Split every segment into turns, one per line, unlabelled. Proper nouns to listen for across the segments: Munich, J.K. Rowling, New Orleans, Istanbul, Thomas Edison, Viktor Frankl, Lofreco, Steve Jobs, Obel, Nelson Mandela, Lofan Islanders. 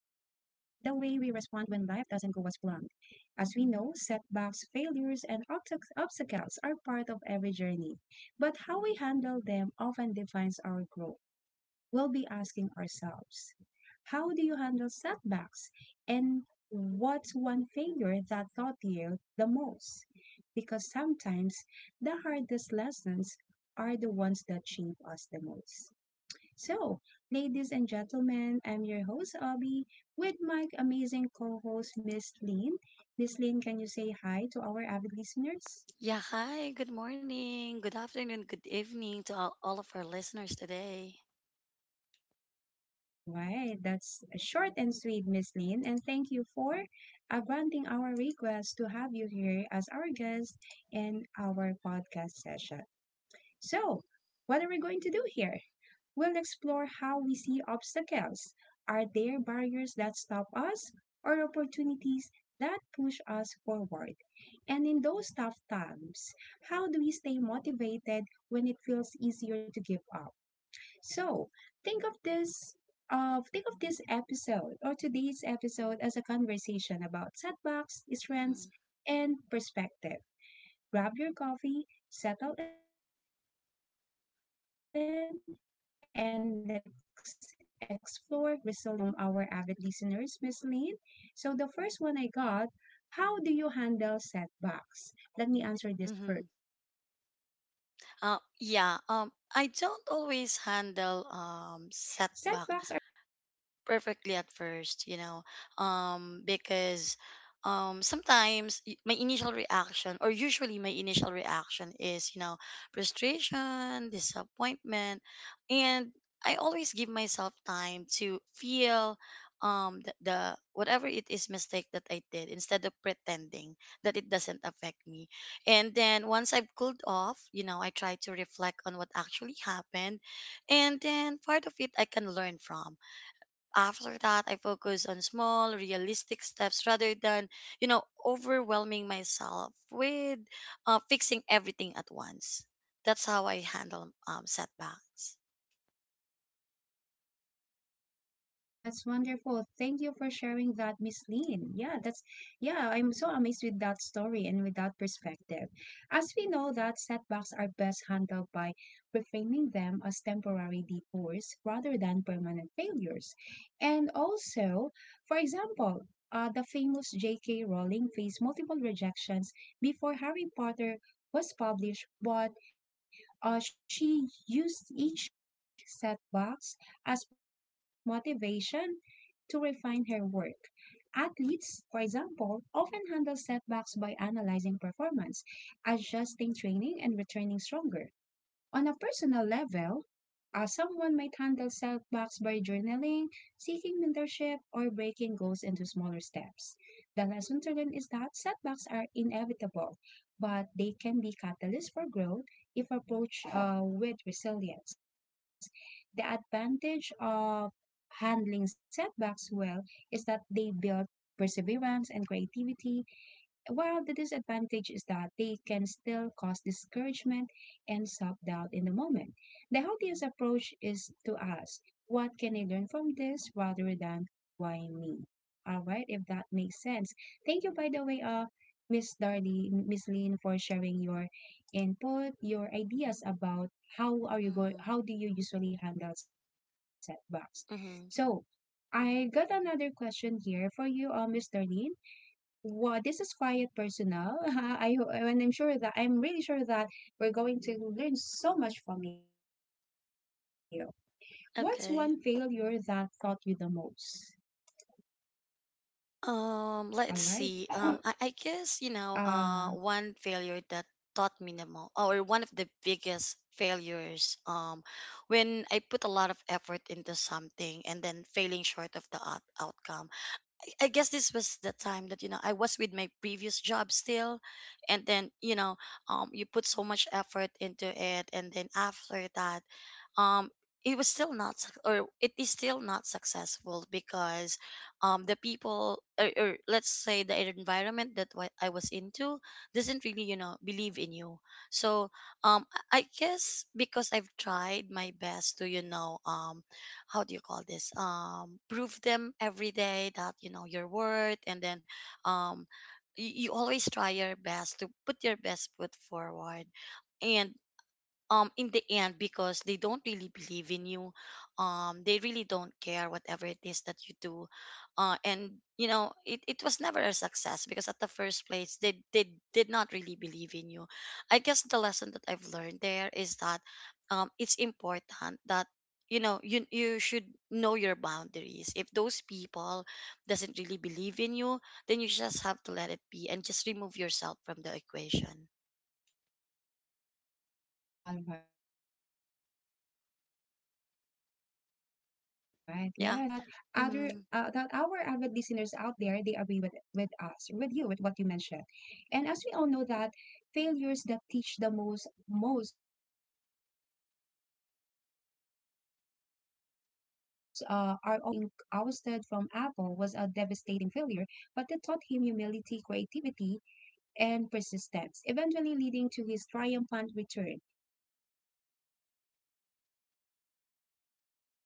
we respond when life doesn't go as planned. As we know, setbacks, failures, and obstacles are part of every journey, but how we handle them often defines our growth. We'll be asking ourselves, how do you handle setbacks? And what's one failure that taught you the most? Because sometimes the hardest lessons are the ones that shape us the most. So, ladies and gentlemen, I'm your host, Abby, with my amazing co host, Miss Lynn. Miss Lynn, can you say hi to our avid listeners?
Yeah, hi, good morning, good afternoon, good evening to all of our listeners today.
All right, that's short and sweet, Miss Lynn, and thank you for granting our request to have you here as our guest in our podcast session. So, what are we going to do here? We'll explore how we see obstacles. Are there barriers that stop us or opportunities that push us forward? And in those tough times, how do we stay motivated when it feels easier to give up? So think of this think of this episode or today's episode as a conversation about setbacks, strengths,
Mm.
and perspective. Grab your coffee, settle in, and explore resilience together. So I've got multiple questions here from our avid listeners, Miss Lynn. So the first one I got, how do you handle setbacks? Let me answer this
Mm-hmm.
first. Setbacks are the best.
Yeah, I don't always handle setbacks perfectly at first, because sometimes my initial reaction, or usually my initial reaction, is frustration, disappointment, and I always give myself time to feel the whatever it is mistake that I did instead of pretending that it doesn't affect me. And then once I've cooled off, I try to reflect on what actually happened, and then part of it I can learn from. After that, I focus on small, realistic steps rather than, you know, overwhelming myself with fixing everything at once. That's how I handle setbacks.
All right, that's wonderful. Thank you for sharing that, Miss Lynn. Yeah, that's yeah, I'm so amazed with that story and with that perspective. As we know that setbacks are best handled by reframing them as temporary detours rather than permanent failures. And also, for example, the famous J.K. Rowling faced multiple rejections before Harry Potter was published, but she used each setback as motivation to refine her work. Athletes, for example, often handle setbacks by analyzing performance, adjusting training, and returning stronger. On a personal level, someone might handle self blocks by journaling, seeking mentorship, or breaking goals into smaller steps. The lesson to learn is that setbacks are inevitable, but they can be catalysts for growth if approached with resilience. The advantage of handling setbacks well is that they build perseverance and creativity, while the disadvantage is that they can still cause discouragement and self doubt in the moment. The healthiest approach is to ask, what can I learn from this rather than why me? All right, if that makes sense. Thank you, by the way, Miss Darlene, Miss Lynn, for sharing your input, your ideas
Mm-hmm.
about how do you usually
Mm-hmm.
handle setbacks. So, I got another question here for you, Miss Darlene. Wow, this is quite personal. And I'm sure that we're going to learn so much from you. What's
Okay.
one failure that taught you the most?
Let's
All right.
see. I guess, one
Uh,
failure that taught me the most, or one of the biggest failures, when I put a lot of effort into something and then failing short of the outcome. I guess this was the time that you know I was with my previous job still, and then you put so much effort into it, and then after that um it was still not or it is still not successful because the people or let's say the environment that I was into doesn't really you know believe in you, so um I guess because I've tried my best to you know how do you call this prove them every day that you know your worth, and then um you always try your best to put your best foot forward, and in the end because they don't really believe in you, they really don't care whatever it is that you do. And it was never a success because at the first place they did not really believe in you. I guess the lesson that I've learned there is that it's important that you know you should know your boundaries. If those people doesn't really believe in you, then you just have to let it be and just remove yourself from the equation.
all right. Yes, that's correct. I totally agree with you, Miss Lynn, and I'm sure that
Yeah.
other
Mm-hmm.
that our avid listeners out there, they agree with us, with you, with what you mentioned. And as we all know that failures that teach the most are often the ones that sting deeply. The famous Steve Jobs being ousted from Apple was a devastating failure, but it taught him humility, creativity, and persistence, eventually leading to his triumphant return. On a personal scale, someone might recall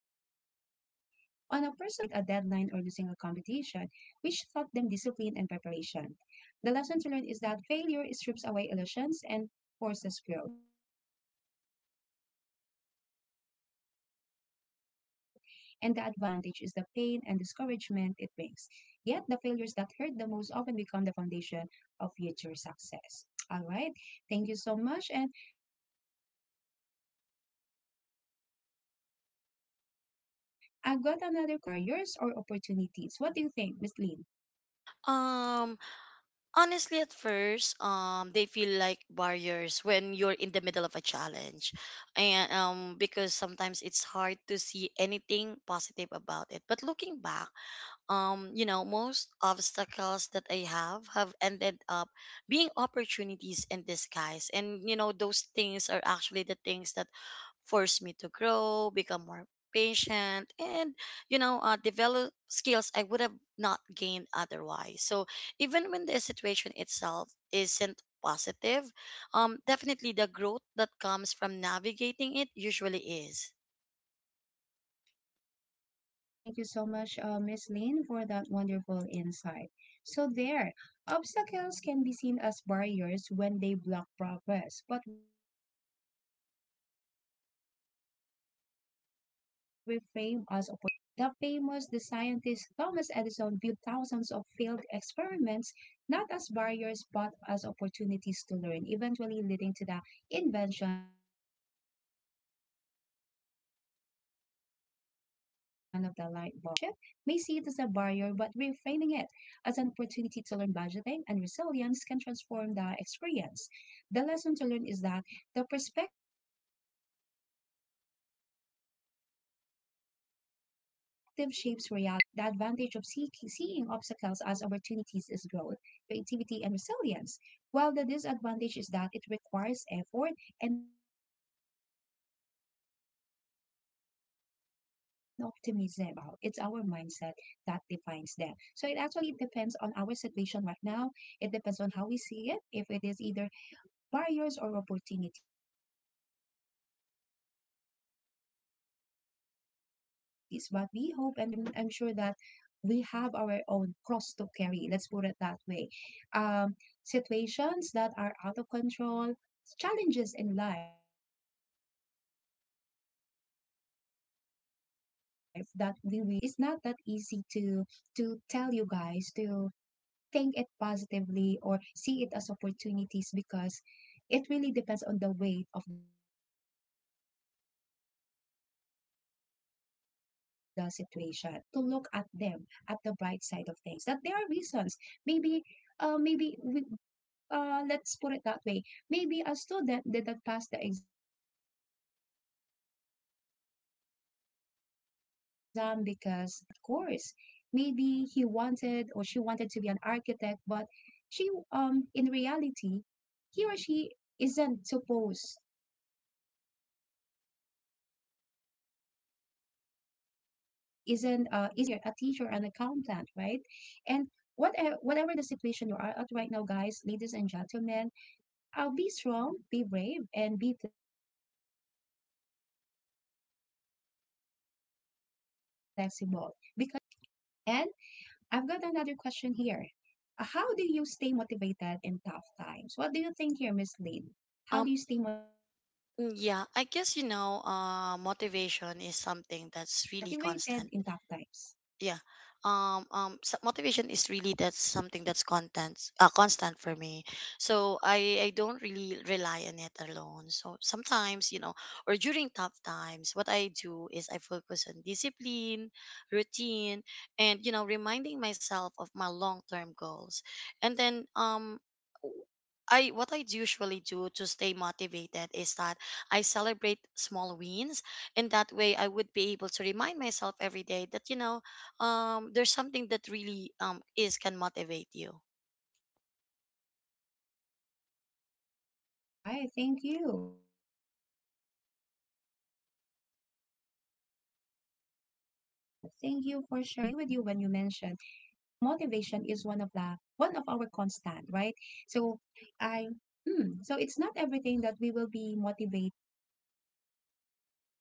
failing to meet a deadline or losing a competition, which taught them discipline and preparation. The lesson to learn is that failure strips away illusions and forces growth, and the advantage of failure is clarity, resilience, and wisdom, while the disadvantage is the pain and discouragement it brings. Yet, the failures that hurt the most often become the foundation of future success. All right. Thank you so much. And I've got another question here from our listeners. Do you see obstacles as barriers or opportunities? What do you think, Miss Lynn?
Um, honestly, at first, they feel like barriers when you're in the middle of a challenge, and because sometimes it's hard to see anything positive about it. But looking back, most obstacles that I have ended up being opportunities in disguise, and you know, those things are actually the things that forced me to grow, become more patient, and develop skills I would have not gained otherwise. So even when the situation itself isn't positive, definitely the growth that comes from navigating it usually is.
All right. Thank you so much, Miss Lynn, for that wonderful insight. So, there, obstacles can be seen as barriers when they block progress, but reframe as opportunities. They become stepping stones to growth. The scientist Thomas Edison viewed thousands of failed experiments not as barriers but as opportunities to learn, eventually leading to the invention of the light bulb. On a personal level, someone facing financial hardship may see it as a barrier, but reframing it as an opportunity to learn budgeting and resilience can transform the experience. The lesson to learn is that the perspective shapes reality. Obstacles can either stop us or strengthen us. The advantage of seeing obstacles as opportunities is growth, creativity, and resilience, while the disadvantage is that it requires effort and optimism, which can be hard in the moment. Ultimately, obstacles are neutral. It's our mindset that defines them. So it actually depends on our situation right now. It depends on how we see it, if it is either barriers or opportunities. But we hope and pray, guys, that in whatever the situation you are at right now, I'm sure that we have our own cross to carry. Let's put it that way. Um, situations that are out of control, challenges in life that we wish to stop as soon as possible. Um, it's not that easy to tell you guys to think it positively or see it as opportunities because it really depends on the weight of the situation, but I hope that we still have some chances to look at them at the bright side of things, that there are reasons. Maybe, maybe we, let's put it that way. Maybe a student didn't pass the exam because, he was not that, he or she was not meant to take that course. Maybe he wanted or she wanted to be an architect, but she, in reality, he or she isn't supposed, isn't aligned in that kind of field. Maybe she's meant to be an engineer, a teacher, an accountant, right? And whatever, whatever the situation you are at right now, guys, ladies and gentlemen, be strong, be brave, and be flexible because eventually tables will turn. All right. And I've got another question here. How do you stay motivated in tough times? What do you think here, Miss Lynn? How do you
Um,
stay motivated in tough times?
yeah, I guess you know, motivation is something that's really constant. Yeah. Motivation is really that's something that's content constant for me. So I don't really rely on it alone. So sometimes you know, or during tough times what I do is I focus on discipline, routine, and you know reminding myself of my long-term goals. And then I what I usually do to stay motivated is that I celebrate small wins. In that way, I would be able to remind myself every day that you know there's something that really is can motivate you.
Right. Thank you. Thank you for sharing that insight. Thank you for that, Miss Lynn. And I totally agree with you when you mentioned motivation is one of our constant, right? So I, so it's not everything that we will be motivated in every task that we do.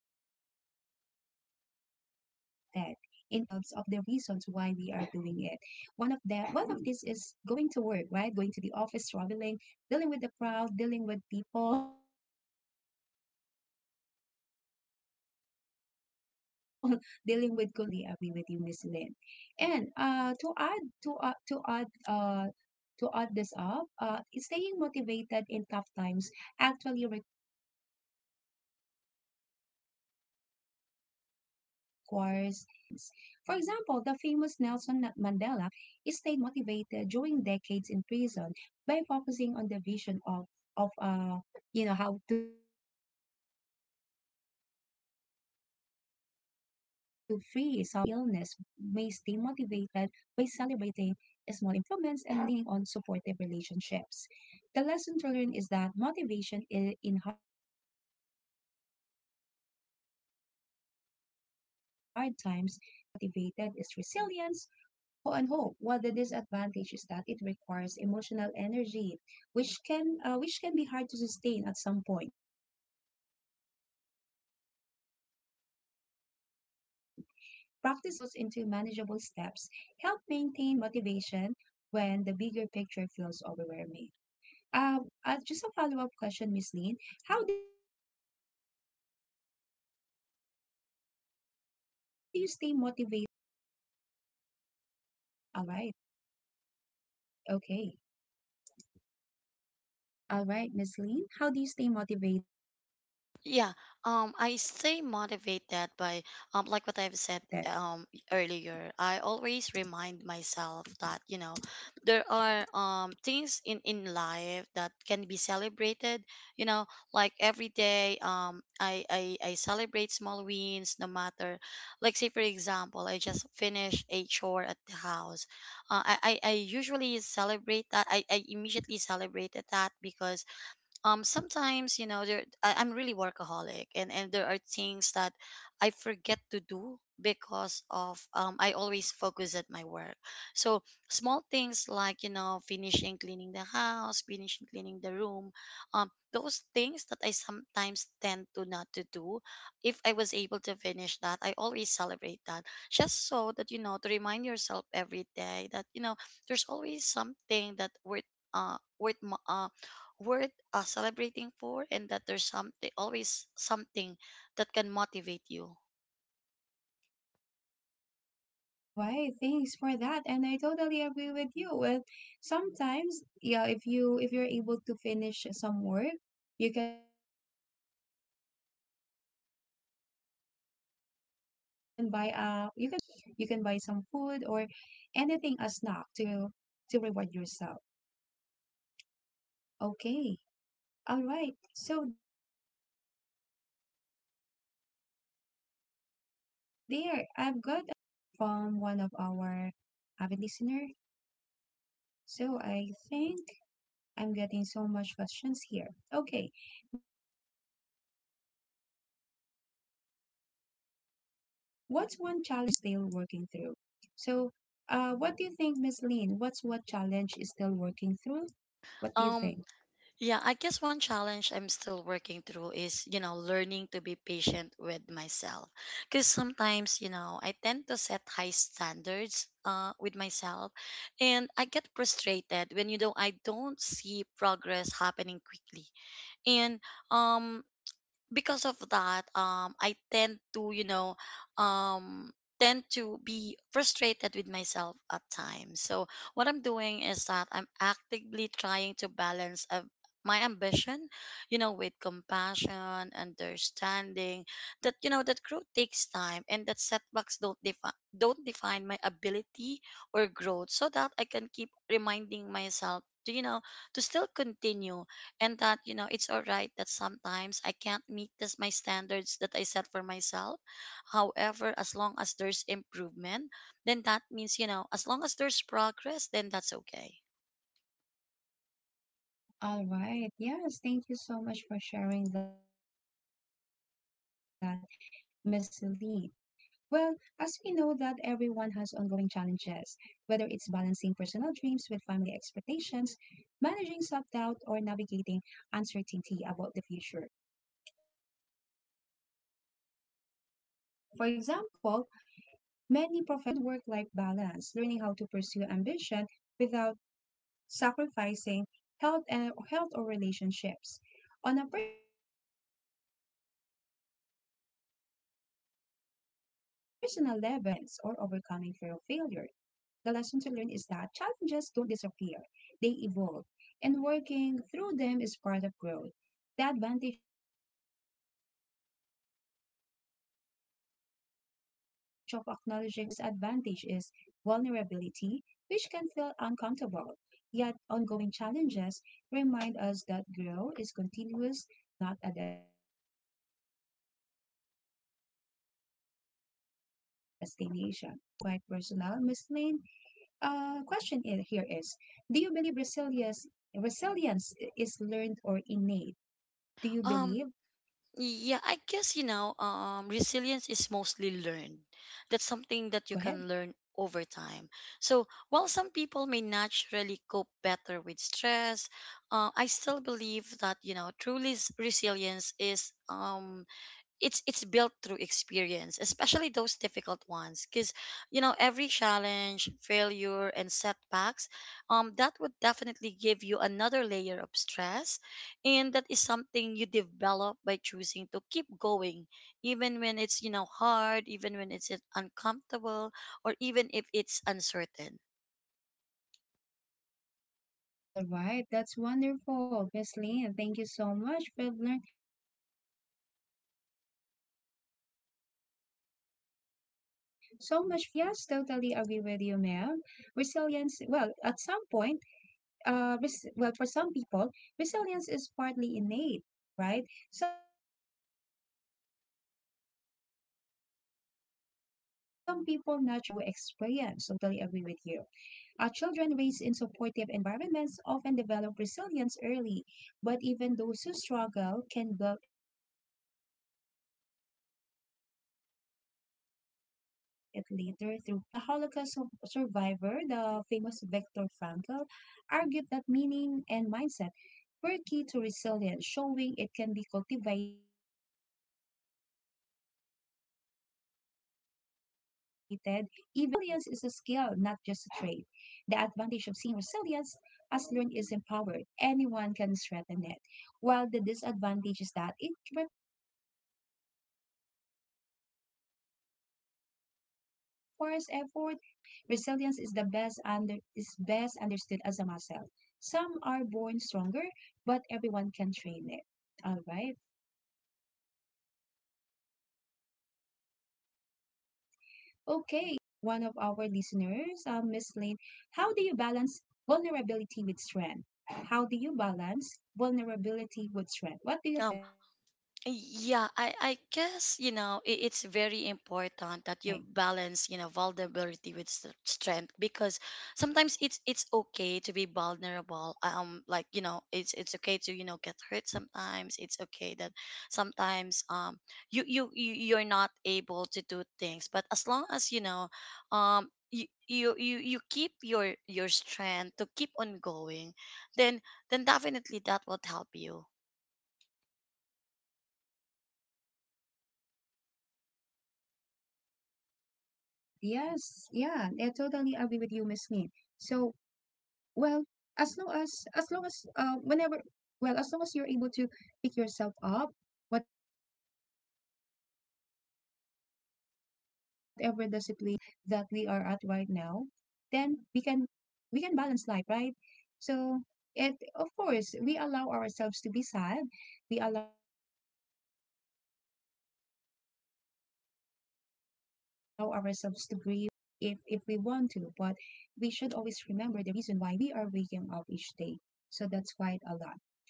But we can always remind ourselves of the reasons why we are doing it. One of these is going to work, right? Going to the office, traveling, dealing with the crowd, dealing with people, dealing with colleagues who have different personalities. And yes, I totally agree with you, Miss Lynn. And to uh, to add uh, to add this up, staying motivated in tough times actually requires anchoring yourself to purpose and small daily wins. For example, the famous Mandela stayed motivated during decades in prison by focusing on the vision of of uh, you know, how to free South of Africa. On a smaller scale, someone battling illness may stay motivated by celebrating small improvements and leaning on supportive relationships. The lesson to learn is that motivation in hard times comes from meaning, not just momentum. The advantage of staying motivated is resilience and hope, while the disadvantage is that it requires emotional energy, which can be hard to sustain at some point. Practices like gratitude journaling, visualization, and breaking goals into manageable steps help maintain motivation when the bigger picture feels overwhelming. Uh, just a follow up question, Miss Lynn. How do you stay motivated? How do you stay motivated? All right. Okay. All right, Miss Lynn. How do you stay motivated?
Yeah, I stay motivated by, like what I've said earlier. I always remind myself that you know there are things in life that can be celebrated. You know, like every day, I celebrate small wins, no matter. Like say for example, I just finished a chore at the house. I usually celebrate that. I immediately celebrated that because sometimes you know I'm really workaholic, and there are things that I forget to do because of I always focus at my work. So small things like you know finishing cleaning the house, finishing cleaning the room, those things that I sometimes tend to not to do, if I was able to finish that I always celebrate that. Just so that you know, to remind yourself every day that you know there's always something that worth uh worth mo- uh worth celebrating for, and that there's something that can motivate you.
All right, thanks for that. And I totally agree with you. Well, sometimes, yeah, if you if you're able to finish some work, you can buy a, milk tea if you want milk tea, right? It doesn't cost too much. You can buy some food or anything, a snack to reward yourself. Okay. All right. So there, I've got another question here from one of our avid listener. So I think I'm getting so much questions here. Okay, what's one challenge you're still working through? What's one challenge you're still working through? So, what do you think, Miss Lynn? What's what challenge is still working through? What do you think?
um yeah I guess one challenge I'm still working through is you know learning to be patient with myself, because sometimes you know I tend to set high standards with myself, and I get frustrated when you know I don't see progress happening quickly. And um because of that I tend to um tend to be frustrated with myself at times. So what I'm doing is that I'm actively trying to balance of my ambition you know with compassion, understanding that you know that growth takes time and that setbacks don't define my ability or growth, so that I can keep reminding myself to you know to still continue, and that you know it's all right that sometimes I can't meet my standards that I set for myself. However, as long as there's improvement, then that means you know as long as there's progress, then that's okay.
All right. Yes, thank you so much for sharing that, Miss Lee. Well, as we know that everyone has ongoing challenges, whether it's balancing personal dreams with family expectations, managing self-doubt, or navigating uncertainty about the future. For example, many professionals continue to struggle with work-life balance, learning how to pursue ambition without sacrificing health or relationships. On a personal level, someone might still be working through the challenge of building confidence or overcoming fear of failure. The lesson to learn is that challenges don't disappear, they evolve, and working through them is part of growth. The advantage of acknowledging ongoing challenges is authenticity and humility, while the disadvantage is vulnerability, which can feel uncomfortable. Yet, ongoing challenges remind us that growth is continuous, not a destination. Okay, so this is quite challenging question and quite personal, Miss Lane. Here is, do you believe resilience is learned or innate? Do you
um
believe? Go ahead.
yeah I guess you know resilience is mostly learned. That's something that you can learn over time. So while some people may naturally cope better with stress, I still believe that you know truly resilience is it's built through experience, especially those difficult ones, because you know every challenge, failure and setbacks, that would definitely give you another layer of stress, and that is something you develop by choosing to keep going even when it's you know hard, even when it's uncomfortable, or even if it's uncertain.
All right, that's wonderful, Miss Lynn. Thank you so much. We've learned so much from you so far. Thank you. Thank you so much again. And yes, totally agree with you, ma'am. Resilience, well, at some point, well, for some people, resilience is partly innate, right? Some people naturally adapt well to stress, but it is largely learned through experience. Totally agree with you. Children raised in supportive environments often develop resilience early, but even those who struggle can build it later through practice, reflection, and mentorship. For example, the survivor, the famous Viktor Frankl, argued that meaning and mindset were key to resilience, showing it can be cultivated even in extreme circumstances. The lesson to learn is that resilience is a skill, not just a trait. The advantage of seeing resilience as learned is empowered. Anyone can strengthen it. While the disadvantage is that it requires effort, patience, and sometimes painful experiences. Resilience is the best under is best understood as a muscle. Some are born stronger, but everyone can train it. All right. Okay, and I've got another question here from one of our listeners, Miss Lane. How do you balance vulnerability with strength? How do you balance vulnerability with strength? What do you
Oh,
think?
Yeah, I guess, you know, it's very important that you balance, you know, vulnerability with strength, because sometimes it's okay to be vulnerable. Like, you know, it's okay to, you know, get hurt sometimes. It's okay that sometimes you you're not able to do things. But as long as, you know, um you keep your strength to keep on going, then then definitely that will help you.
All right, yes, yeah, I totally agree with you, Miss Lane. So, well, as long as whenever well, as long as you're able to pick yourself up, whatever the situation, regardless of the situation, regardless of the challenges that we are at right now, then we can balance life, right? So, it of course we allow ourselves to be sad, we allow ourselves to grieve, we allow ourselves to cry if we can or if we want to, but we should always remember the reason why we are waking up each day. So that's quite a lot.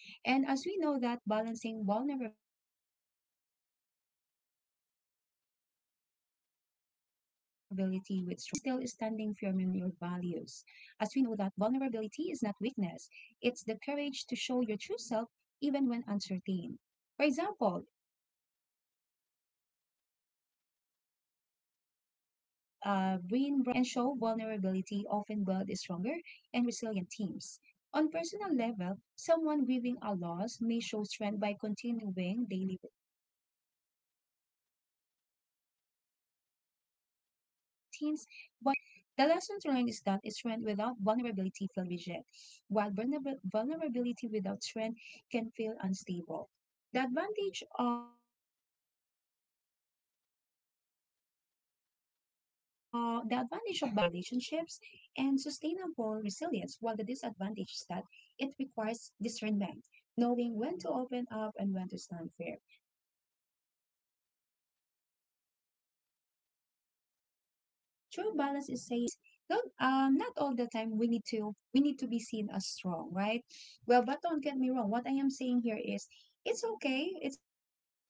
And as we know that balancing vulnerability with strength means allowing yourself to be open and authentic while still standing firm in your values. As we know that vulnerability is not weakness, it's the courage to show your true self even when uncertain. For example, Breen Brown's research highlights that leaders who admit mistakes and show vulnerability often build stronger and resilient teams. On personal level, someone grieving a loss may show strength by continuing daily routines, but vulnerability by expressing emotions and leaning on loved ones. The lesson to learn is that strength without vulnerability feels rigid, while vulnerability without strength can feel unstable. The advantage of balancing both is authenticity, deeper relationships, and sustainable resilience, while the disadvantage is that it requires discernment, knowing when to open up and when to stand firm. True balance is saying I am strong enough to be honest about my struggles. So, guys, do not not all the time we need to be seen as strong, right? Well, but don't get me wrong. What I am saying here is it's okay. It's okay to show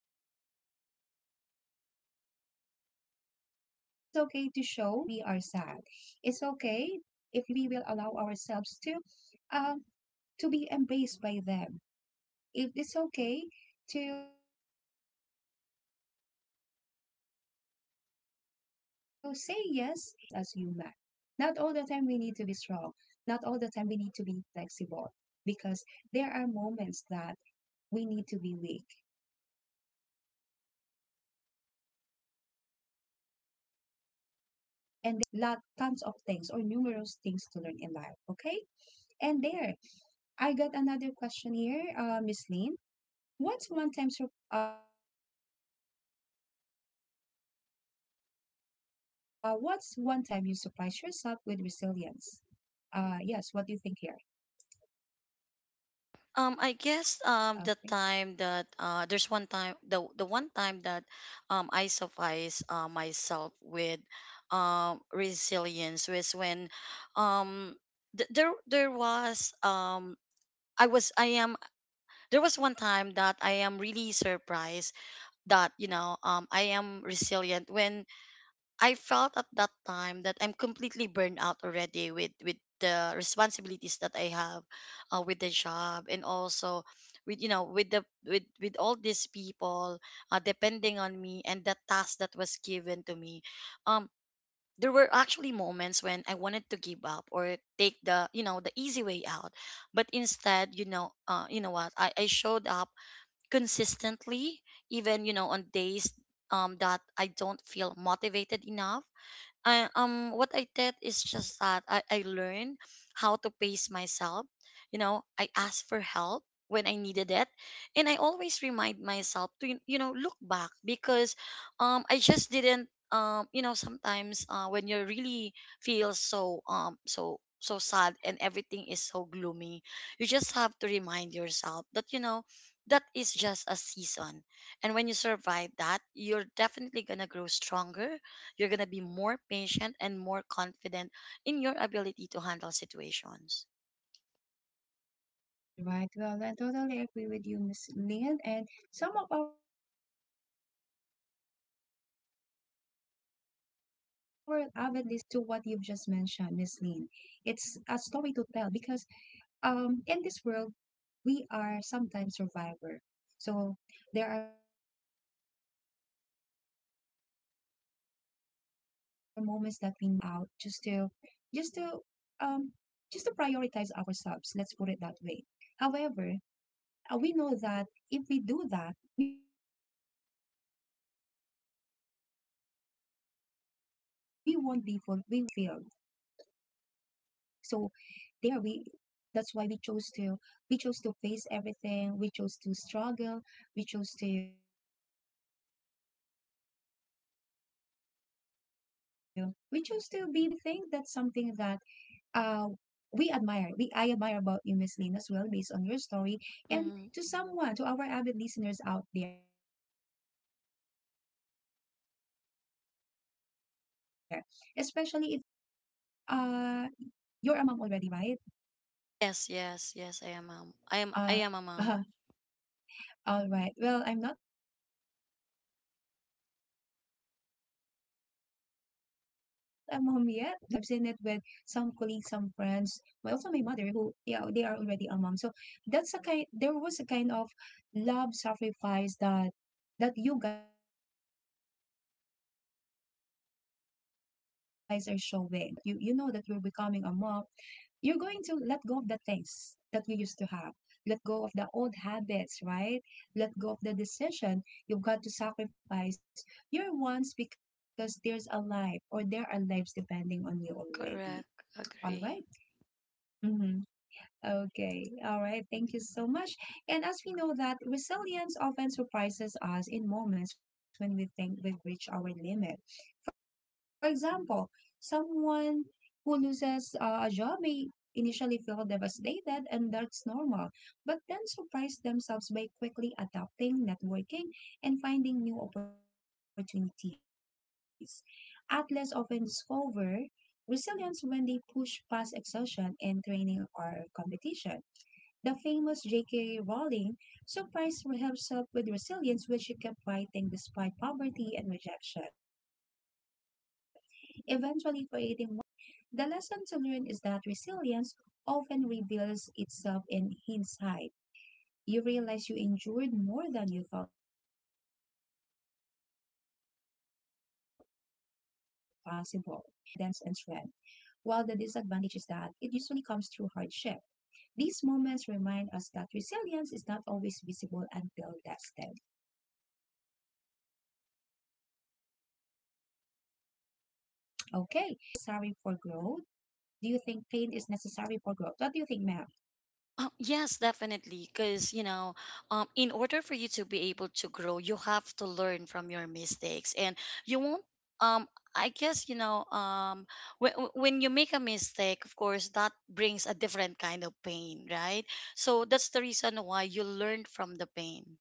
to show to some people, some child's trusted friends, that we are sad. It's okay if we will allow ourselves um, to be embraced by them. If it's okay to say yes if they offer companionship, because that's what makes us human. Not all the time we need to be strong. Not all the time we need to be flexible, because there are moments that we need to be weak and there are moments that we need to fall, and that gives us lot tons of things or numerous things to learn in life. Okay, and there, I got another question here, Miss Lynn. What's one time you surprise yourself with resilience? What's one time you surprise yourself with resilience? Yes, what do you think here?
I guess
Okay.
the time that there's one time the one time that I suffice myself with resilience was when um there was I was I am there was one time that I am really surprised that you know I am resilient. When I felt at that time that I'm completely burned out already with the responsibilities that I have with the job and also with you know with all these people depending on me and the task that was given to me. um there were actually moments when I wanted to give up or take the you know the easy way out, but instead you know what, I showed up consistently, even you know on days that I don't feel motivated enough. I what I did is just that I learned how to pace myself. You know, I asked for help when I needed it. And I always remind myself to you know look back, because I just didn't you know sometimes when you really feel so so sad and everything is so gloomy, you just have to remind yourself that you know that is just a season. And when you survive that, you're definitely gonna grow stronger, you're going to be more patient and more confident in your ability to handle situations.
All right. Well, I totally agree with you, Miss Lynn. And some of our avid listeners out there, they can relate. And I also can relate to what you've just mentioned, Miss Lynn. It's a story to tell because in this world we are sometimes survivor. So there are moments that we want to give up, and give up and do the easy way out just to just to um just to prioritize ourselves. Let's put it that way. However, we know that if we do that, we won't be full, we won't be happy. Uh we won't be fulfilled. So there we that's why we chose to face everything, we chose to struggle, we chose to we chose to be brave, be flexible in handling those situations. And I think that's something that, uh we admire we I admire about you, Miss Lynn, as well, based on your story. And to
Hmm.
someone, to our avid listeners out there, especially if you are already a mom, are you a mom already, Miss Lynn? uh you're a mom already, right?
Yes, yes, yes, I am mom.
uh
I am a
uh
mom.
All right. Well, I'm not a mom yet. That's why I can't relate it so much, but I've seen it so far. I've seen it with some colleagues, some friends, but also my mother who, yeah, they are already a mom. So there was a kind of love sacrifice that you guys are showing. Because as they mentioned, once you become a mom, the day that you know that you're becoming a mom, you're going to let go of the things that you used to have, let go of the old habits, right? Let go of the decision. You've got to sacrifice your wants because there's a life, or there are lives depending on you already. All right.
Correct. Agree.
Mm-hmm. Okay, all right, thank you so much. And as we know that resilience often surprises us in moments when we think we've reached our limit. For example, someone who loses a job may initially feel devastated, and that's normal, but then surprise themselves by quickly adapting, networking, and finding new opportunities. Athletes often discover resilience when they push past exhaustion in training or competition. The famous J.K. Rowling surprised herself with resilience when she kept writing despite poverty and rejection, eventually creating one of the beloved book series in the history. The lesson to learn is that resilience often reveals itself in hindsight. You realize you endured more than you thought possible. The advantage of surprising yourself with resilience is newfound confidence and strength, while the disadvantage is that it usually comes through hardship. These moments remind us that resilience is not always visible until tested. Okay, and next question that we have here: do you think pain is necessary for growth? Do you think pain is necessary for growth? What do you think, ma'am?
Yes, definitely. Because, you know, in order for you to be able to grow, you have to learn from your mistakes. And you won't, um, I guess, when you make a mistake, of course, that brings a different kind of pain, right? So that's the reason why you learn from the pain.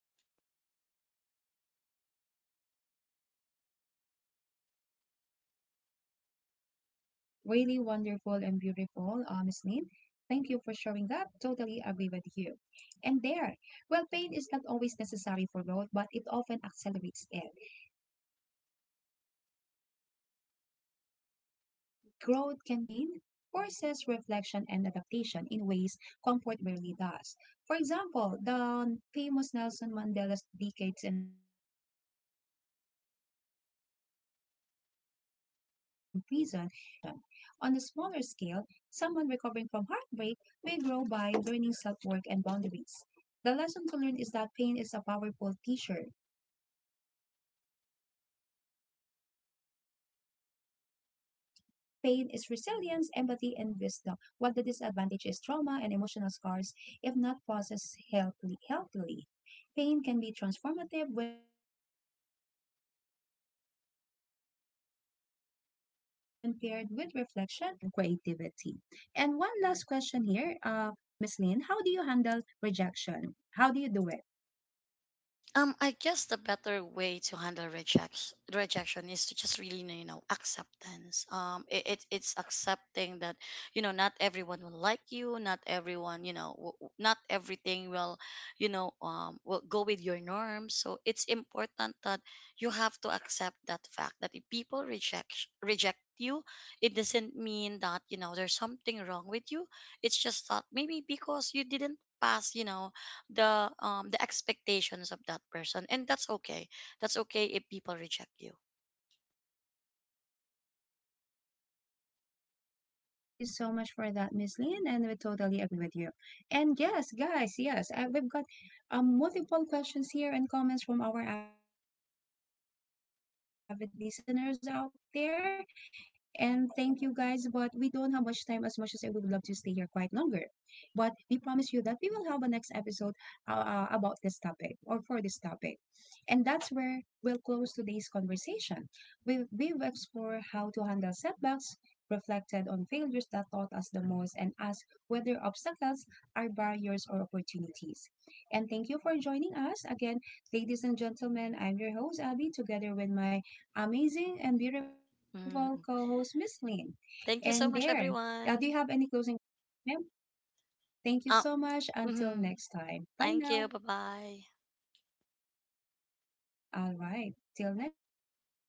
Right, that's really wonderful and beautiful, Miss Lynn. Thank you for sharing that. Totally agree with you. And there, well, pain is not always necessary for growth, but it often accelerates it. Growth can come from curiosity, learning, and joy, by but pain forces reflection and adaptation in ways comfort rarely does. For example, the famous Nelson Mandela's decades in prison gave him the clarity and strength to lead South Africa through reconciliation. On a smaller scale, someone recovering from heartbreak may grow by learning self work and boundaries. The lesson to learn is that pain is a powerful teacher, but not only one. The advantage of growth through pain is resilience, empathy, and wisdom, while the disadvantage is trauma and emotional scars if not processed healthily. Pain can be transformative when paired with reflection, but growth can also come from love, joy, curiosity, and creativity. And one last question here, Miss Lynn, how do you handle rejection? How do you do it?
I guess the better way to handle rejection is to just really you know acceptance. It it's accepting that you know not everyone will like you, not everyone you know not everything will you know will go with your norms. So it's important that you have to accept that fact that if people reject you, it doesn't mean that you know there's something wrong with you. It's just that maybe because you didn't pass you know the expectations of that person, and that's okay. That's okay if people reject you.
All right. Thank you so much for that, Miss Lynn. And we totally agree with you. And yes, guys, yes, we've got multiple questions here and comments from our avid listeners out there. And thank you guys, but we don't have much time as much as we would love to stay here quite longer. But we promise you that we will have a next episode, uh, about this topic or for this topic. And that's where we'll close today's conversation. We've explored how to handle setbacks, reflected on failures that taught us the most, and asked whether obstacles are barriers or opportunities. And thank you for joining us again, ladies and gentlemen. I'm your host, Abby, together with my amazing and beautiful co host,
Mhm.
Miss Lynn. And
Thank
there,
you so much,
do you have any
everyone.
closing? Ma'am, thank you so much.
uh,
Until next
mhm.
time. Bye now.
Thank you, bye bye.
All right. Till next time. See you.